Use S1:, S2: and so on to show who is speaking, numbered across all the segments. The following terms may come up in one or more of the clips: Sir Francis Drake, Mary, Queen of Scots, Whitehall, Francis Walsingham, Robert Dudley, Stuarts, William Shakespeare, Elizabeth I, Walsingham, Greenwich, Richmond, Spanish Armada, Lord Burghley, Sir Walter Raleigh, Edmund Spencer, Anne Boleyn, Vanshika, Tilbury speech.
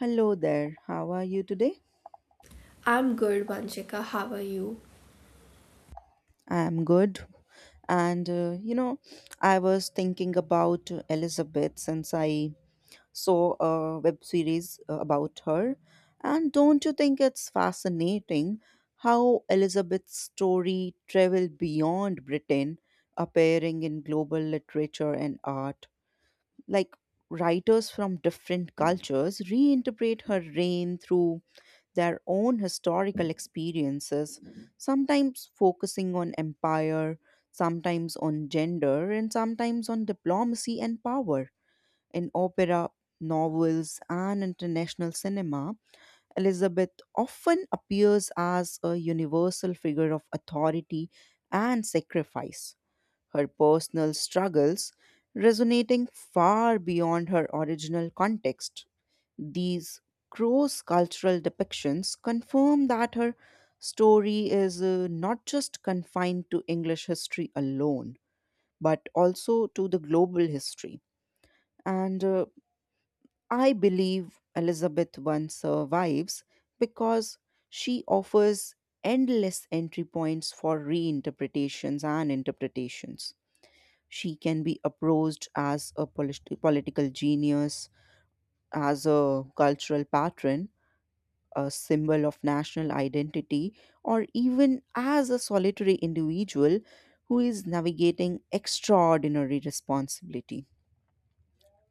S1: Hello there. How are you today?
S2: I'm good, Vanshika. How are you?
S1: I'm good. And I was thinking about Elizabeth since I saw a web series about her. And don't you think it's fascinating how Elizabeth's story traveled beyond Britain, appearing in global literature and art? Like writers from different cultures reinterpret her reign through their own historical experiences, sometimes focusing on empire, sometimes on gender, and sometimes on diplomacy and power. In opera, novels, and international cinema, Elizabeth often appears as a universal figure of authority and sacrifice. Her personal struggles resonating far beyond her original context. These cross cultural depictions confirm that her story is not just confined to English history alone, but also to the global history. And I believe Elizabeth I survives because she offers endless entry points for reinterpretations and interpretations. She can be approached as a political genius, as a cultural patron, a symbol of national identity, or even as a solitary individual who is navigating extraordinary responsibility.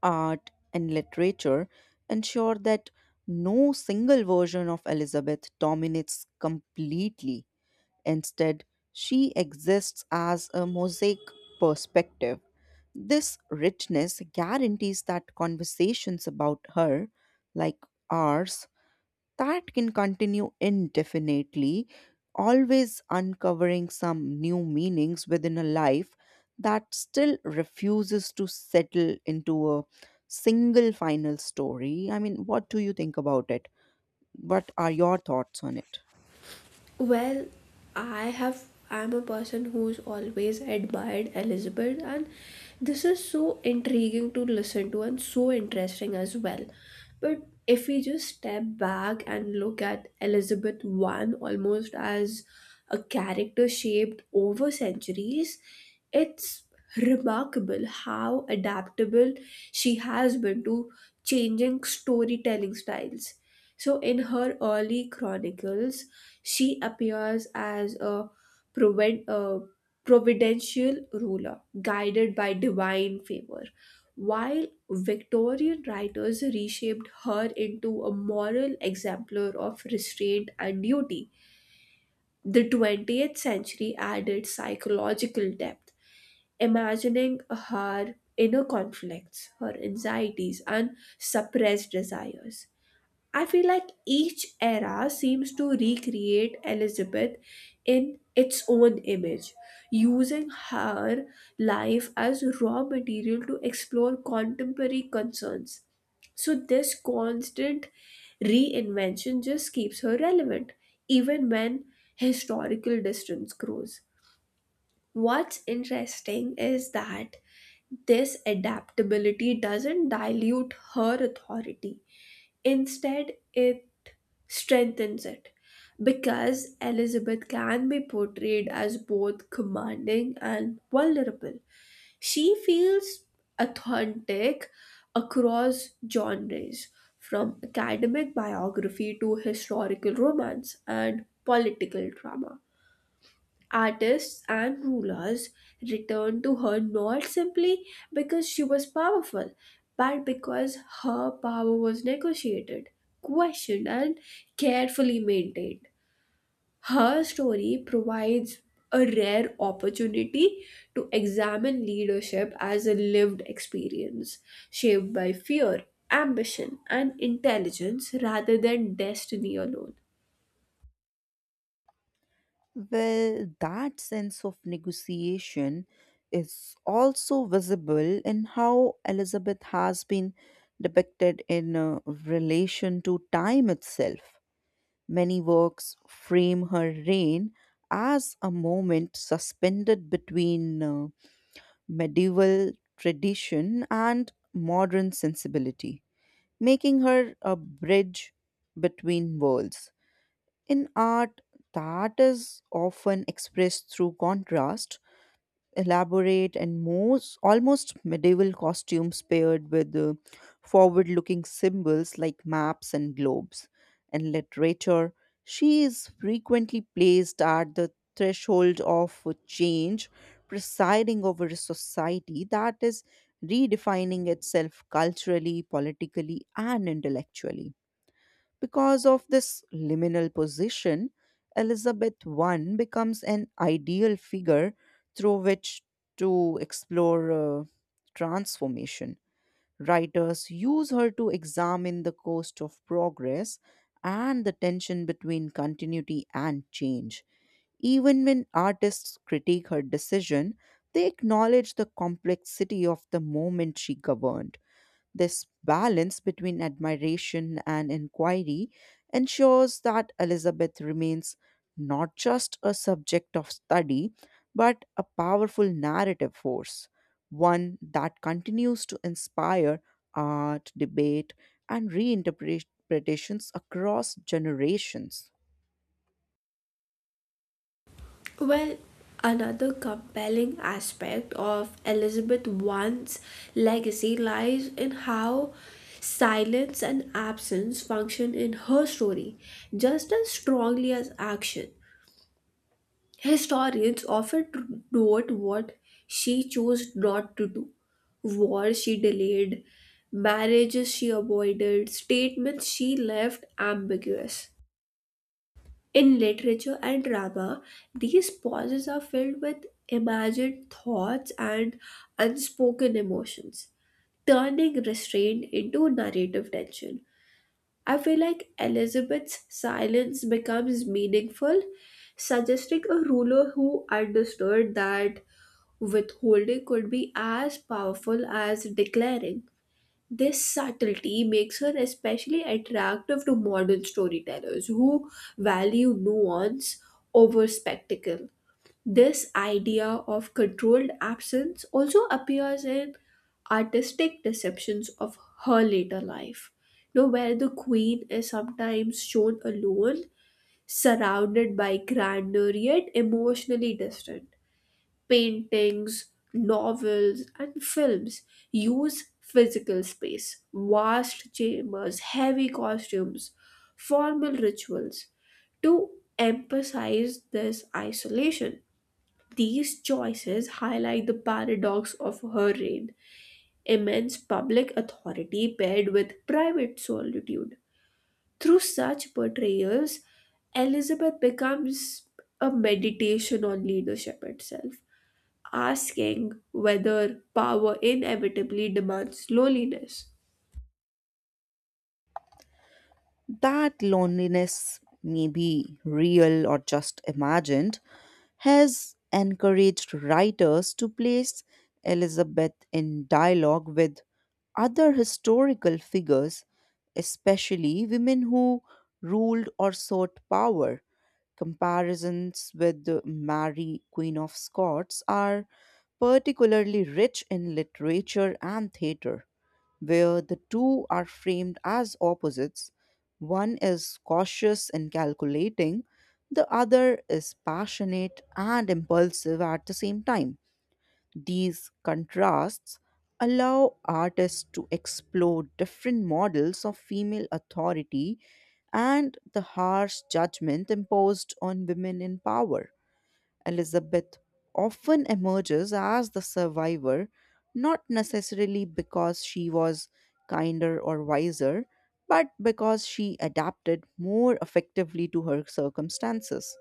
S1: Art and literature ensure that no single version of Elizabeth dominates completely. Instead, she exists as a mosaic perspective. This richness guarantees that conversations about her, like ours, that can continue indefinitely, always uncovering some new meanings within a life that still refuses to settle into a single final story. I mean, what do you think about it? What are your thoughts on it?
S2: Well, I have I'm a person who's always admired Elizabeth, and this is so intriguing to listen to and so interesting as well. But if we just step back and look at Elizabeth I almost as a character shaped over centuries, it's remarkable how adaptable she has been to changing storytelling styles. So in her early chronicles, she appears as a proved, uh, providential ruler, guided by divine favor, while Victorian writers reshaped her into a moral exemplar of restraint and duty. The 20th century added psychological depth, imagining her inner conflicts, her anxieties, and suppressed desires. I feel like each era seems to recreate Elizabeth in its own image, using her life as raw material to explore contemporary concerns. So, this constant reinvention just keeps her relevant, even when historical distance grows. What's interesting is that this adaptability doesn't dilute her authority. Instead, it strengthens it, because Elizabeth can be portrayed as both commanding and vulnerable. She feels authentic across genres, from academic biography to historical romance and political drama. Artists and rulers returned to her not simply because she was powerful, but because her power was negotiated, questioned, and carefully maintained. Her story provides a rare opportunity to examine leadership as a lived experience, shaped by fear, ambition, and intelligence rather than destiny alone.
S1: Well, that sense of negotiation is also visible in how Elizabeth has been depicted in relation to time itself. Many works frame her reign as a moment suspended between medieval tradition and modern sensibility, making her a bridge between worlds. In art, that is often expressed through contrast elaborate and most almost medieval costumes paired with forward-looking symbols like maps and globes. In literature, she is frequently placed at the threshold of change, presiding over a society that is redefining itself culturally, politically, and intellectually. Because of this liminal position, Elizabeth I becomes an ideal figure through which to explore transformation. Writers use her to examine the cost of progress and the tension between continuity and change. Even when artists critique her decision, they acknowledge the complexity of the moment she governed. This balance between admiration and inquiry ensures that Elizabeth remains not just a subject of study, but a powerful narrative force, one that continues to inspire art, debate, and reinterpretations across generations.
S2: Well, another compelling aspect of Elizabeth I's legacy lies in how silence and absence function in her story just as strongly as action. Historians often note what she chose not to do: wars she delayed, marriages she avoided, statements she left ambiguous. In literature and drama, these pauses are filled with imagined thoughts and unspoken emotions, turning restraint into narrative tension. I feel like Elizabeth's silence becomes meaningful, suggesting a ruler who understood that withholding could be as powerful as declaring. This subtlety makes her especially attractive to modern storytellers who value nuance over spectacle. This idea of controlled absence also appears in artistic deceptions of her later life, you know, where the queen is sometimes shown alone, surrounded by grandeur, yet emotionally distant. Paintings, novels, and films use physical space, vast chambers, heavy costumes, formal rituals to emphasize this isolation. These choices highlight the paradox of her reign: immense public authority paired with private solitude. Through such portrayals, Elizabeth becomes a meditation on leadership itself, asking whether power inevitably demands loneliness.
S1: That loneliness may be real or just imagined, has encouraged writers to place Elizabeth in dialogue with other historical figures, especially women who ruled or sought power. Comparisons with Mary, Queen of Scots, are particularly rich in literature and theatre where the two are framed as opposites. One is cautious and calculating, the other is passionate and impulsive at the same time. These contrasts allow artists to explore different models of female authority and the harsh judgment imposed on women in power. Elizabeth often emerges as the survivor, not necessarily because she was kinder or wiser, but because she adapted more effectively to her circumstances.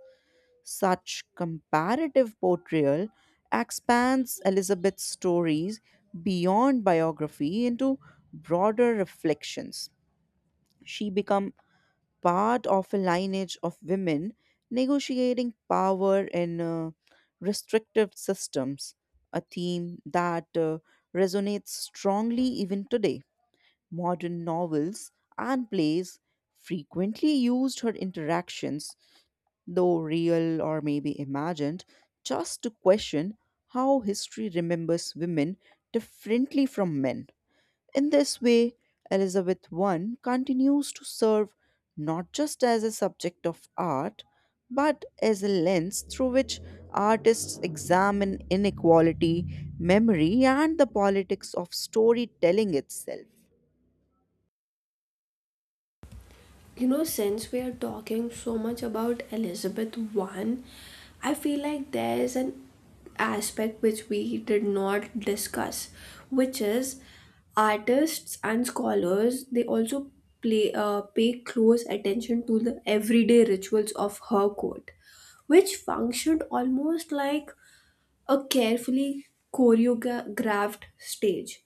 S1: Such comparative portrayal expands Elizabeth's stories beyond biography into broader reflections. She become part of a lineage of women negotiating power in restrictive systems, a theme that resonates strongly even today. Modern novels and plays frequently used her interactions, though real or maybe imagined, just to question how history remembers women differently from men. In this way, Elizabeth I continues to serve not just as a subject of art, but as a lens through which artists examine inequality, memory, and the politics of storytelling itself.
S2: You know, since we are talking so much about Elizabeth I, I feel like there's an aspect which we did not discuss, which is artists and scholars, they also play pay close attention to the everyday rituals of her court, which functioned almost like a carefully choreographed stage.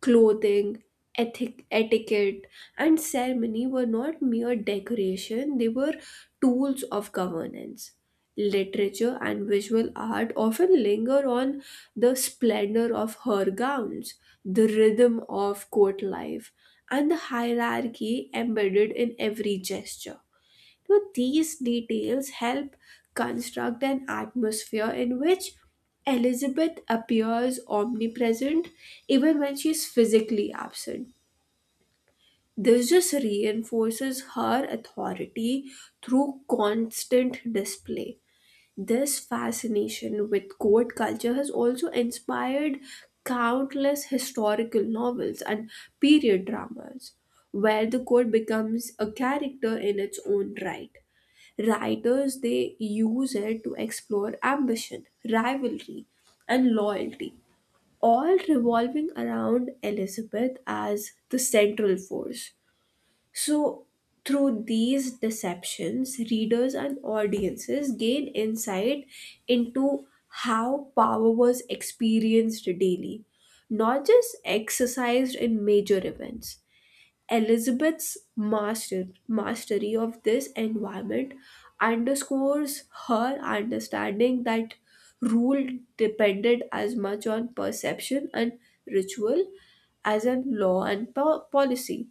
S2: Clothing, ethic, etiquette, and ceremony were not mere decoration, they were tools of governance. Literature and visual art often linger on the splendor of her gowns, the rhythm of court life, and the hierarchy embedded in every gesture. So these details help construct an atmosphere in which Elizabeth appears omnipresent even when she is physically absent. This just reinforces her authority through constant display. This fascination with court culture has also inspired countless historical novels and period dramas, where the court becomes a character in its own right. Writers, they use it to explore ambition, rivalry, and loyalty, all revolving around Elizabeth as the central force. So, through these deceptions, readers and audiences gain insight into how power was experienced daily, not just exercised in major events. Mastery of this environment underscores her understanding that rule depended as much on perception and ritual as on law and policy.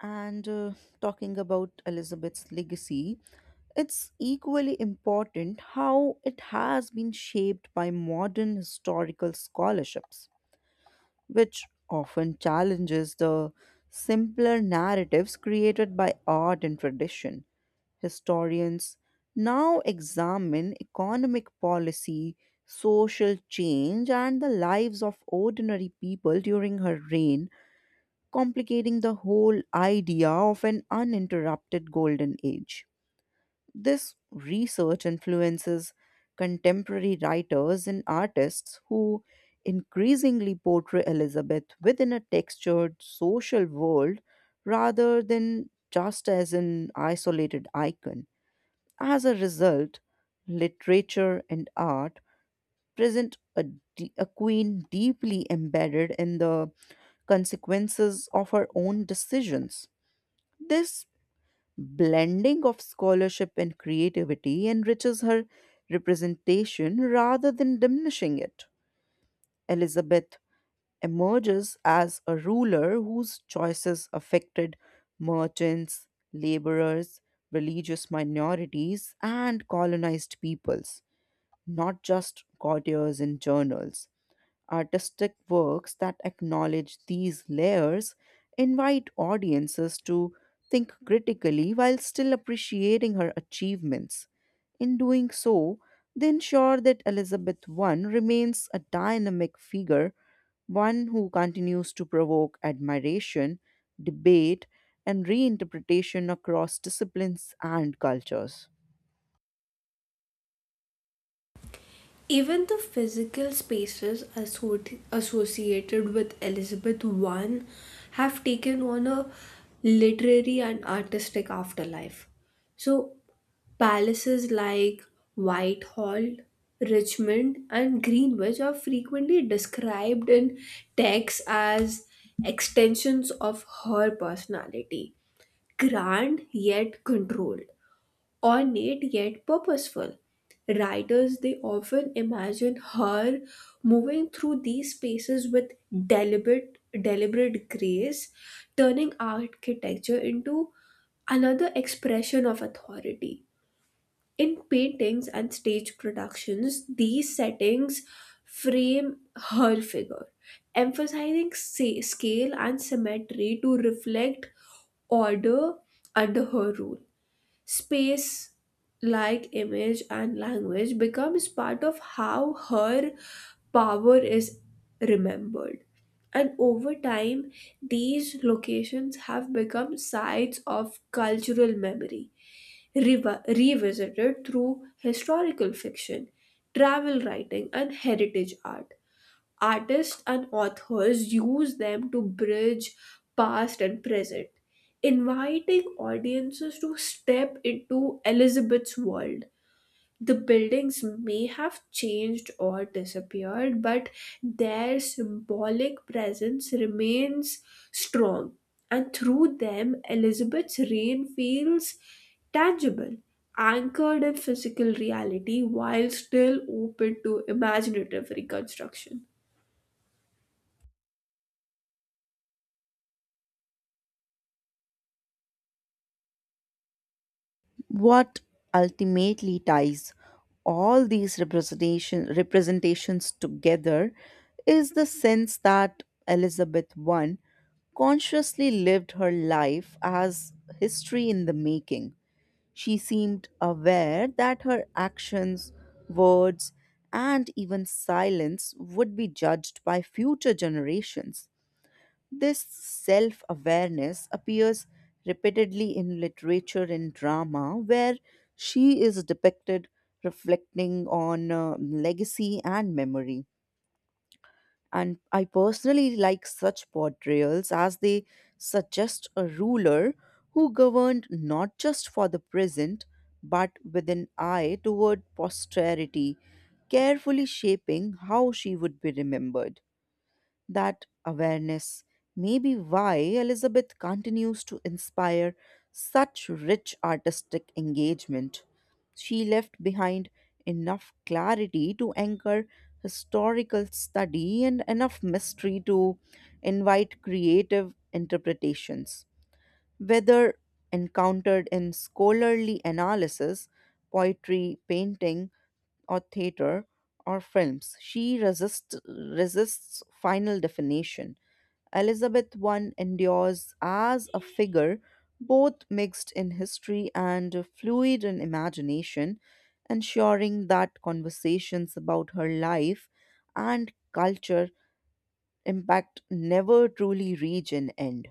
S1: And Talking about Elizabeth's legacy, it's equally important how it has been shaped by modern historical scholarships, which often challenges the simpler narratives created by art and tradition. Historians now examine economic policy, social change, and the lives of ordinary people during her reign complicating the whole idea of an uninterrupted golden age. This research influences contemporary writers and artists who increasingly portray Elizabeth within a textured social world rather than just as an isolated icon. As a result, literature and art present a queen deeply embedded in the consequences of her own decisions. This blending of scholarship and creativity enriches her representation rather than diminishing it. Elizabeth emerges as a ruler whose choices affected merchants, laborers, religious minorities, and colonized peoples, not just courtiers and journals. Artistic works that acknowledge these layers invite audiences to think critically while still appreciating her achievements. In doing so, they ensure that Elizabeth I remains a dynamic figure, one who continues to provoke admiration, debate, and reinterpretation across disciplines and cultures.
S2: Even the physical spaces associated with Elizabeth I have taken on a literary and artistic afterlife. So, palaces like Whitehall, Richmond, and Greenwich are frequently described in texts as extensions of her personality, grand yet controlled, ornate yet purposeful. Writers, they often imagine her moving through these spaces with deliberate grace, turning architecture into another expression of authority. In paintings and stage productions, these settings frame her figure, emphasizing scale and symmetry to reflect order under her rule. Space, like image and language, becomes part of how her power is remembered, and over time these locations have become sites of cultural memory, revisited through historical fiction, travel writing, and heritage art. Artists and authors use them to bridge past and present, inviting audiences to step into Elizabeth's world. The buildings may have changed or disappeared, but their symbolic presence remains strong, and through them, Elizabeth's reign feels tangible, anchored in physical reality while still open to imaginative reconstruction.
S1: What ultimately ties all these representations together is the sense that Elizabeth I consciously lived her life as history in the making. She seemed aware that her actions, words, and even silence would be judged by future generations. This self awareness appears repeatedly in literature and drama, where she is depicted reflecting on legacy and memory. And I personally like such portrayals as they suggest a ruler who governed not just for the present but with an eye toward posterity, carefully shaping how she would be remembered. That awareness may be why Elizabeth continues to inspire such rich artistic engagement. She left behind enough clarity to anchor historical study and enough mystery to invite creative interpretations. Whether encountered in scholarly analysis, poetry, painting, or theater or films. She resists final definition. Elizabeth I endures as a figure both mixed in history and fluid in imagination, ensuring that conversations about her life and culture impact never truly reach an end.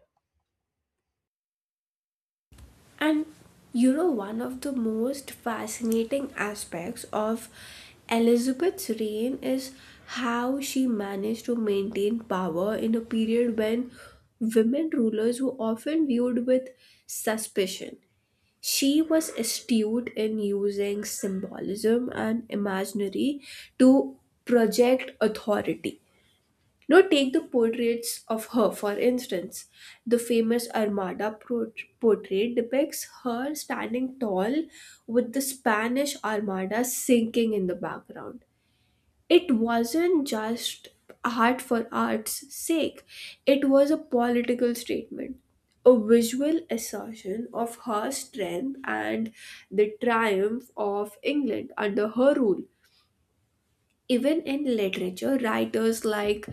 S2: And you know, one of the most fascinating aspects of Elizabeth's reign is how she managed to maintain power in a period when women rulers were often viewed with suspicion. She was astute in using symbolism and imaginary to project authority. Now, take the portraits of her, for instance. The famous portrait depicts her standing tall with the Spanish Armada sinking in the background. It wasn't just art for art's sake, it was a political statement, a visual assertion of her strength and the triumph of England under her rule. Even in literature, writers like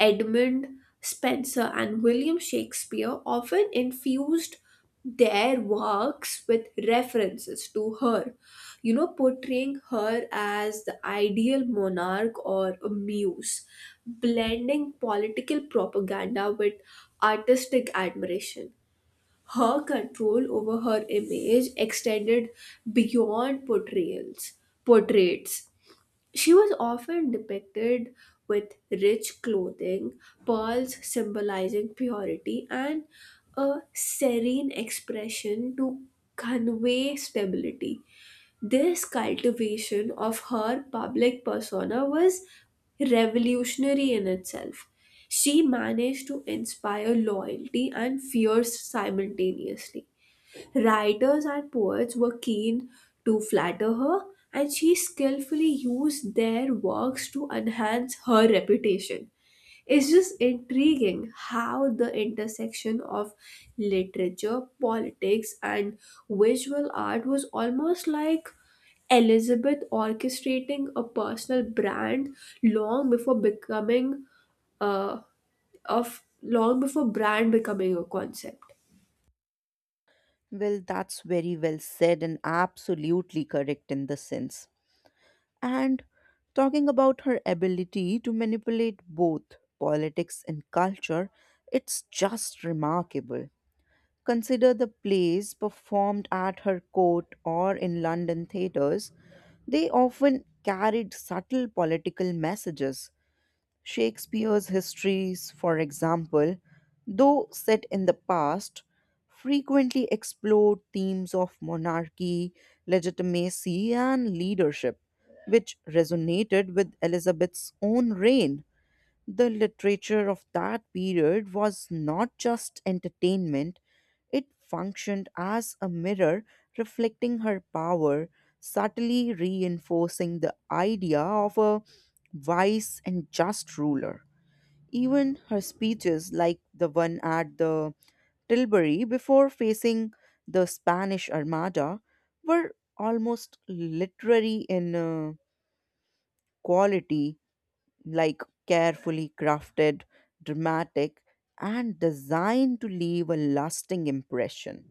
S2: Edmund Spencer and William Shakespeare often infused their works with references to her, you know, portraying her as the ideal monarch or a muse, blending political propaganda with artistic admiration. Her control over her image extended beyond portraits. She was often depicted with rich clothing, pearls symbolizing purity, and a serene expression to convey stability. This cultivation of her public persona was revolutionary in itself. She managed to inspire loyalty and fear simultaneously. Writers and poets were keen to flatter her, and she skillfully used their works to enhance her reputation. It's just intriguing how the intersection of literature, politics, and visual art was almost like Elizabeth orchestrating a personal brand long before becoming uh, of long before brand becoming a concept.
S1: Well, that's very well said and absolutely correct in the sense. And talking about her ability to manipulate both politics and culture, it's just remarkable. Consider the plays performed at her court or in London theatres They often carried subtle political messages. Shakespeare's histories, for example, though set in the past, frequently explored themes of monarchy, legitimacy, and leadership, which resonated with Elizabeth's own reign. The literature of that period was not just entertainment, it functioned as a mirror reflecting her power, subtly reinforcing the idea of a wise and just ruler. Even her speeches, like the one at the Tilbury before facing the Spanish Armada, were almost literary in quality like carefully crafted, dramatic, and designed to leave a lasting impression.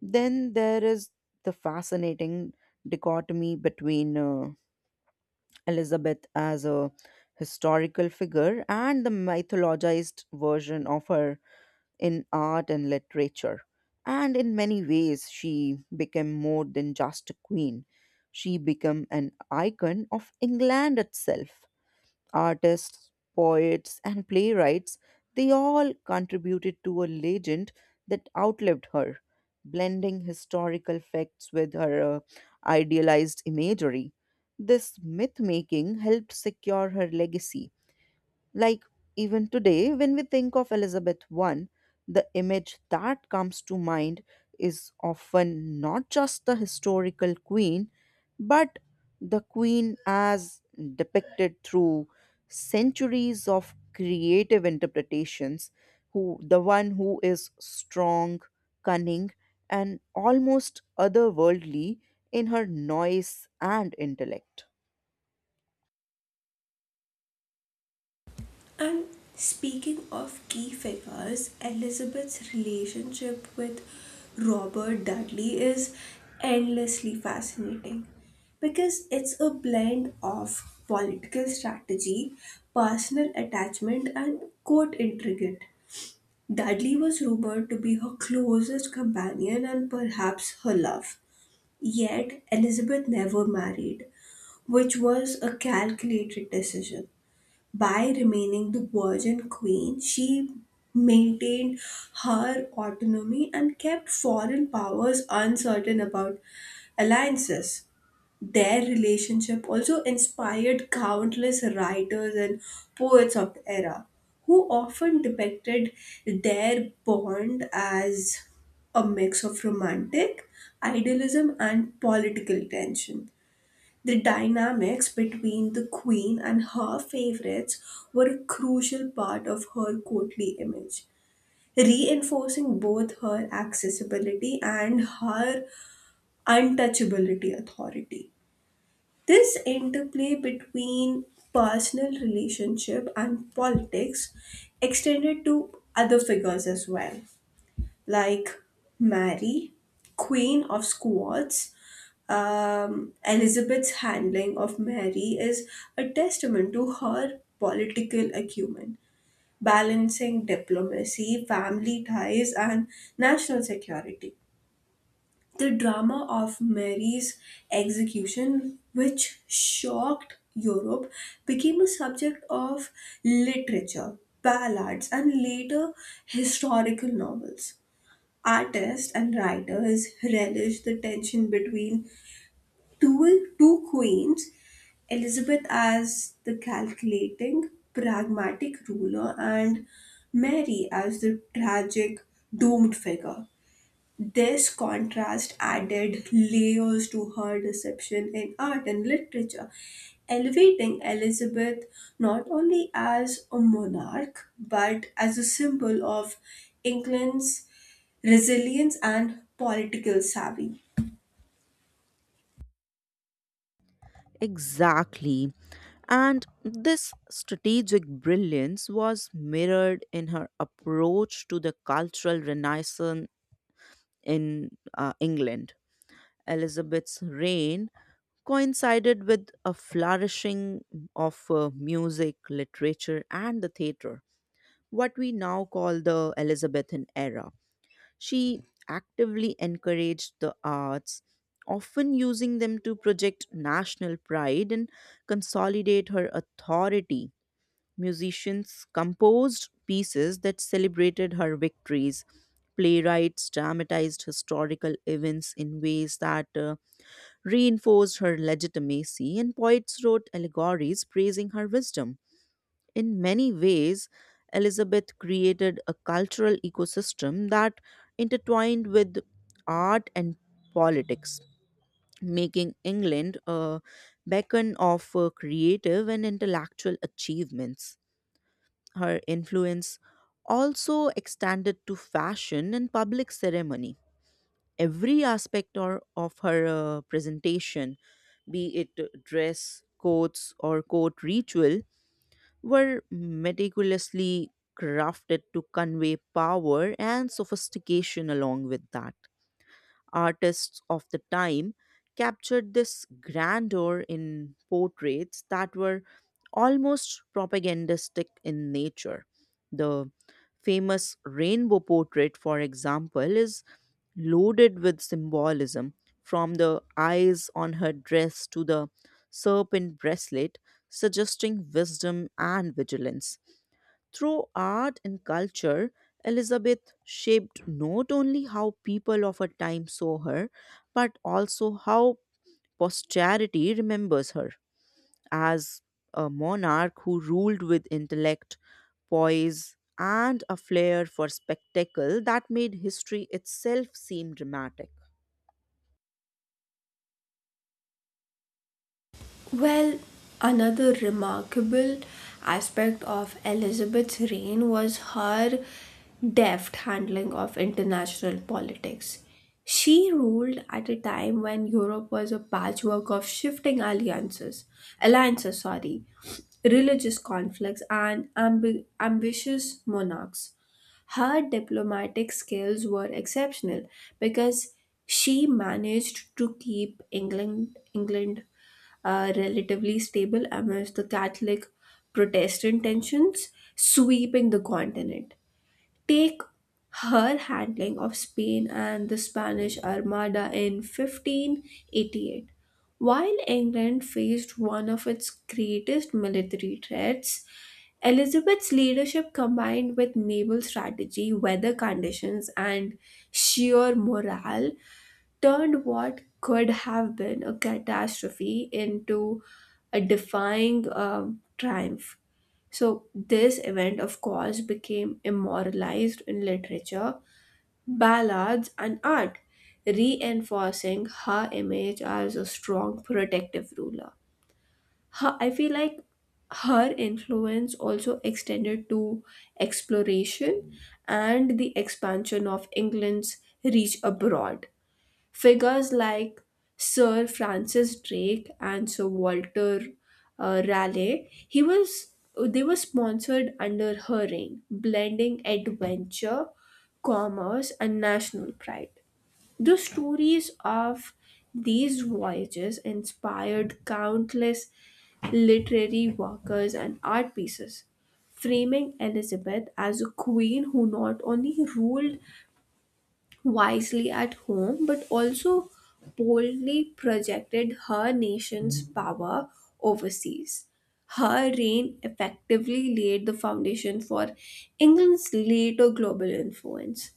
S1: Then there is the fascinating dichotomy between Elizabeth as a historical figure and the mythologized version of her in art and literature. And in many ways, she became more than just a queen. She became an icon of England itself. Artists, poets, and playwrights, they all contributed to a legend that outlived her, blending historical facts with her idealized imagery. This myth making helped secure her legacy like even today, when we think of Elizabeth I, the image that comes to mind is often not just the historical queen, but the queen as depicted through centuries of creative interpretations, who the one who is strong, cunning, and almost otherworldly in her noise and intellect.
S2: And speaking of key figures, Elizabeth's relationship with Robert Dudley is endlessly fascinating because it's a blend of political strategy, personal attachment, and court intrigue. Dudley was rumored to be her closest companion and perhaps her love. Yet, Elizabeth never married, which was a calculated decision. By remaining the Virgin Queen, she maintained her autonomy and kept foreign powers uncertain about alliances. Their relationship also inspired countless writers and poets of the era, who often depicted their bond as a mix of romantic idealism and political tension. The dynamics between the queen and her favorites were a crucial part of her courtly image, reinforcing both her accessibility and her untouchability authority. This interplay between personal relationship and politics extended to other figures as well, like Mary, Queen of Scots. Elizabeth's handling of Mary is a testament to her political acumen, balancing diplomacy, family ties, and national security. The drama of Mary's execution, which shocked Europe, became a subject of literature, ballads, and later historical novels. Artists and writers relish the tension between two queens: Elizabeth as the calculating, pragmatic ruler, and Mary as the tragic, doomed figure. This contrast added layers to her deception in art and literature, elevating Elizabeth not only as a monarch but as a symbol of England's resilience and political savvy.
S1: Exactly. And this strategic brilliance was mirrored in her approach to the cultural renaissance in England. Elizabeth's reign coincided with a flourishing of music, literature, and the theatre, what we now call the Elizabethan era. She actively encouraged the arts, often using them to project national pride and consolidate her authority. Musicians composed pieces that celebrated her victories. Playwrights dramatized historical events in ways that reinforced her legitimacy, and poets wrote allegories praising her wisdom. In many ways, Elizabeth created a cultural ecosystem that intertwined with art and politics, making England a beacon of creative and intellectual achievements. Her influence also extended to fashion and public ceremony. Every of her presentation, be it dress, coats, or court ritual, were meticulously crafted to convey power and sophistication along with that. Artists of the time captured this grandeur in portraits that were almost propagandistic in nature. The famous rainbow portrait, for example, is loaded with symbolism from the eyes on her dress to the serpent bracelet, suggesting wisdom and vigilance. Through art and culture, Elizabeth shaped not only how people of her time saw her, but also how posterity remembers her as a monarch who ruled with intellect, poise, and a flair for spectacle that made history itself seem dramatic.
S2: Well, another remarkable aspect of Elizabeth's reign was her deft handling of international politics. She ruled at a time when Europe was a patchwork of shifting sorry, religious conflicts, and ambitious monarchs. Her diplomatic skills were exceptional because she managed to keep England are relatively stable amidst the Catholic Protestant tensions sweeping the continent. Take her handling of Spain and the Spanish Armada in 1588. While England faced one of its greatest military threats, Elizabeth's leadership, combined with naval strategy, weather conditions, and sheer morale, turned what could have been a catastrophe into a defying triumph. So, this event, of course, became immortalized in literature, ballads, and art, reinforcing her image as a strong protective ruler. I feel like her influence also extended to exploration and the expansion of England's reach abroad. Figures like Sir Francis Drake and Sir Walter Raleigh, he was they were sponsored under her reign, blending adventure, commerce, and national pride. The stories of these voyages inspired countless literary workers and art pieces, framing Elizabeth as a queen who not only ruled wisely at home but also boldly projected her nation's power overseas. Her reign effectively laid the foundation for England's later global influence,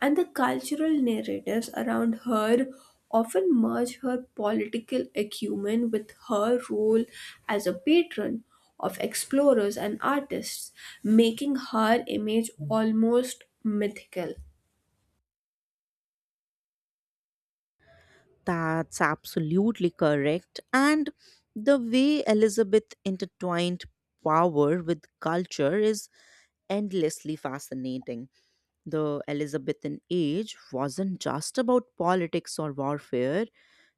S2: and the cultural narratives around her often merge her political acumen with her role as a patron of explorers and artists, making her image almost mythical.
S1: That's absolutely correct. And the way Elizabeth intertwined power with culture is endlessly fascinating. The Elizabethan age wasn't just about politics or warfare,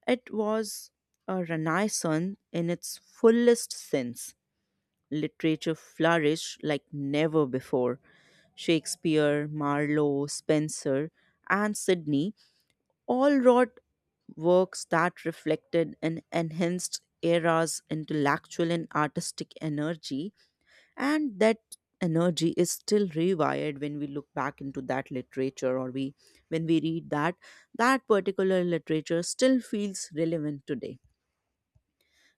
S1: it was a renaissance in its fullest sense. Literature flourished like never before. Shakespeare, Marlowe, Spencer, and Sidney all wrote works that reflected an enhanced era's intellectual and artistic energy and that energy is still rewired when we look back into that literature or we when we read that particular literature still feels relevant today.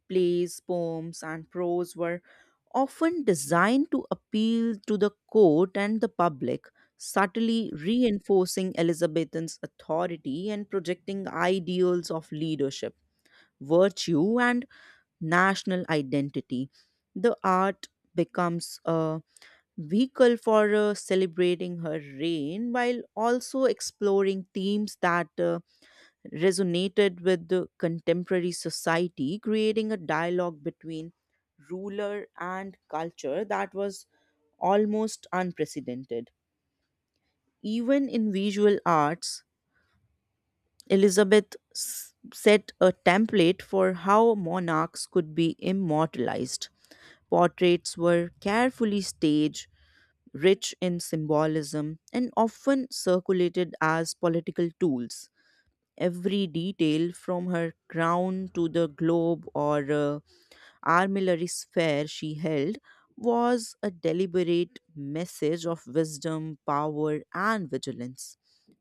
S1: Plays poems and prose were often designed to appeal to the court and the public subtly reinforcing elizabethan's authority and projecting ideals of leadership virtue and national identity. The art becomes a vehicle for celebrating her reign while also exploring themes that resonated with the contemporary society, creating a dialogue between ruler and culture that was almost unprecedented. Even in visual arts, set a template for how monarchs could be immortalized. Portraits were carefully staged rich in symbolism and often circulated as political tools. Every detail from her crown to the globe or armillary sphere she held was a deliberate message of wisdom, power, and vigilance.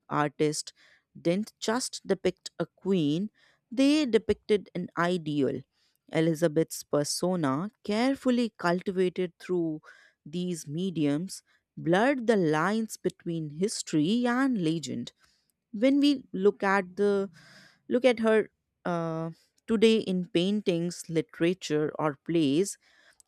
S1: Artists didn't just depict a queen, they depicted an ideal. Elizabeth's persona, carefully cultivated through these mediums, blurred the lines between history and legend. When we look at her uh, today in paintings, literature, or plays,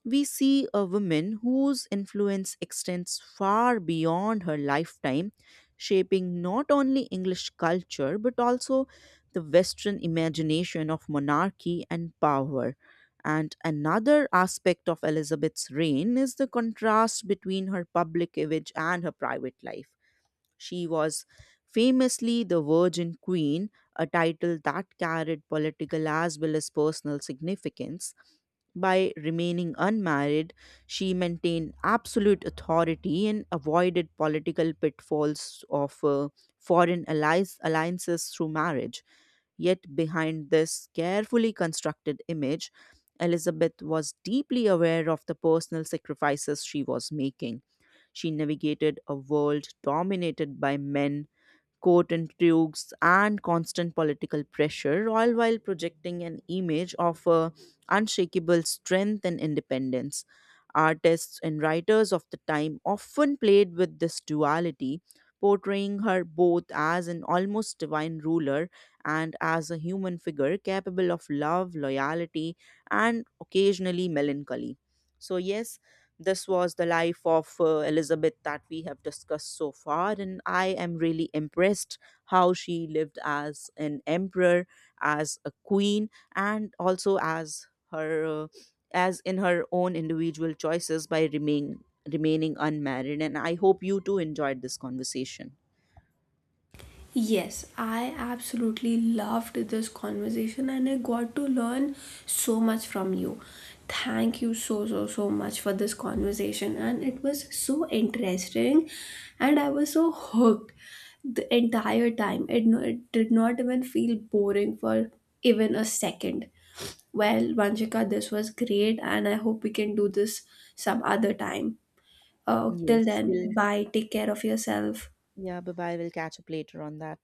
S1: we see a woman whose influence extends far beyond her lifetime, shaping not only English culture but also the Western imagination of monarchy and power. And another aspect of Elizabeth's reign is the contrast between her public image and her private life she was famously the Virgin Queen, a title that carried political as well as personal significance. By remaining unmarried, she maintained absolute authority and avoided political pitfalls of foreign allies, alliances through marriage. Yet, behind this carefully constructed image, Elizabeth was deeply aware of the personal sacrifices she was making. She navigated a world dominated by men, court intrigues, and constant political pressure, all while projecting an image of her unshakable strength and independence. Artists and writers of the time often played with this duality, portraying her both as an almost divine ruler and as a human figure capable of love, loyalty, and occasionally melancholy. So, yes, this was the life of Elizabeth that we have discussed so far, and I am really impressed how she lived as an emperor, as a queen, and also as her as in her own individual choices by remaining unmarried. And I hope you too enjoyed this conversation.
S2: Yes, I absolutely loved this conversation and I got to learn so much from you. Thank you so, so, so much for this conversation. And it was so interesting and I was so hooked the entire time. No, it did not even feel boring for even a second. Well, Vanshika, this was great and I hope we can do this some other time. Till
S1: Yes,
S2: then,
S1: we'll
S2: bye. Take care of yourself.
S1: yeah, bye bye. We'll catch up later on that.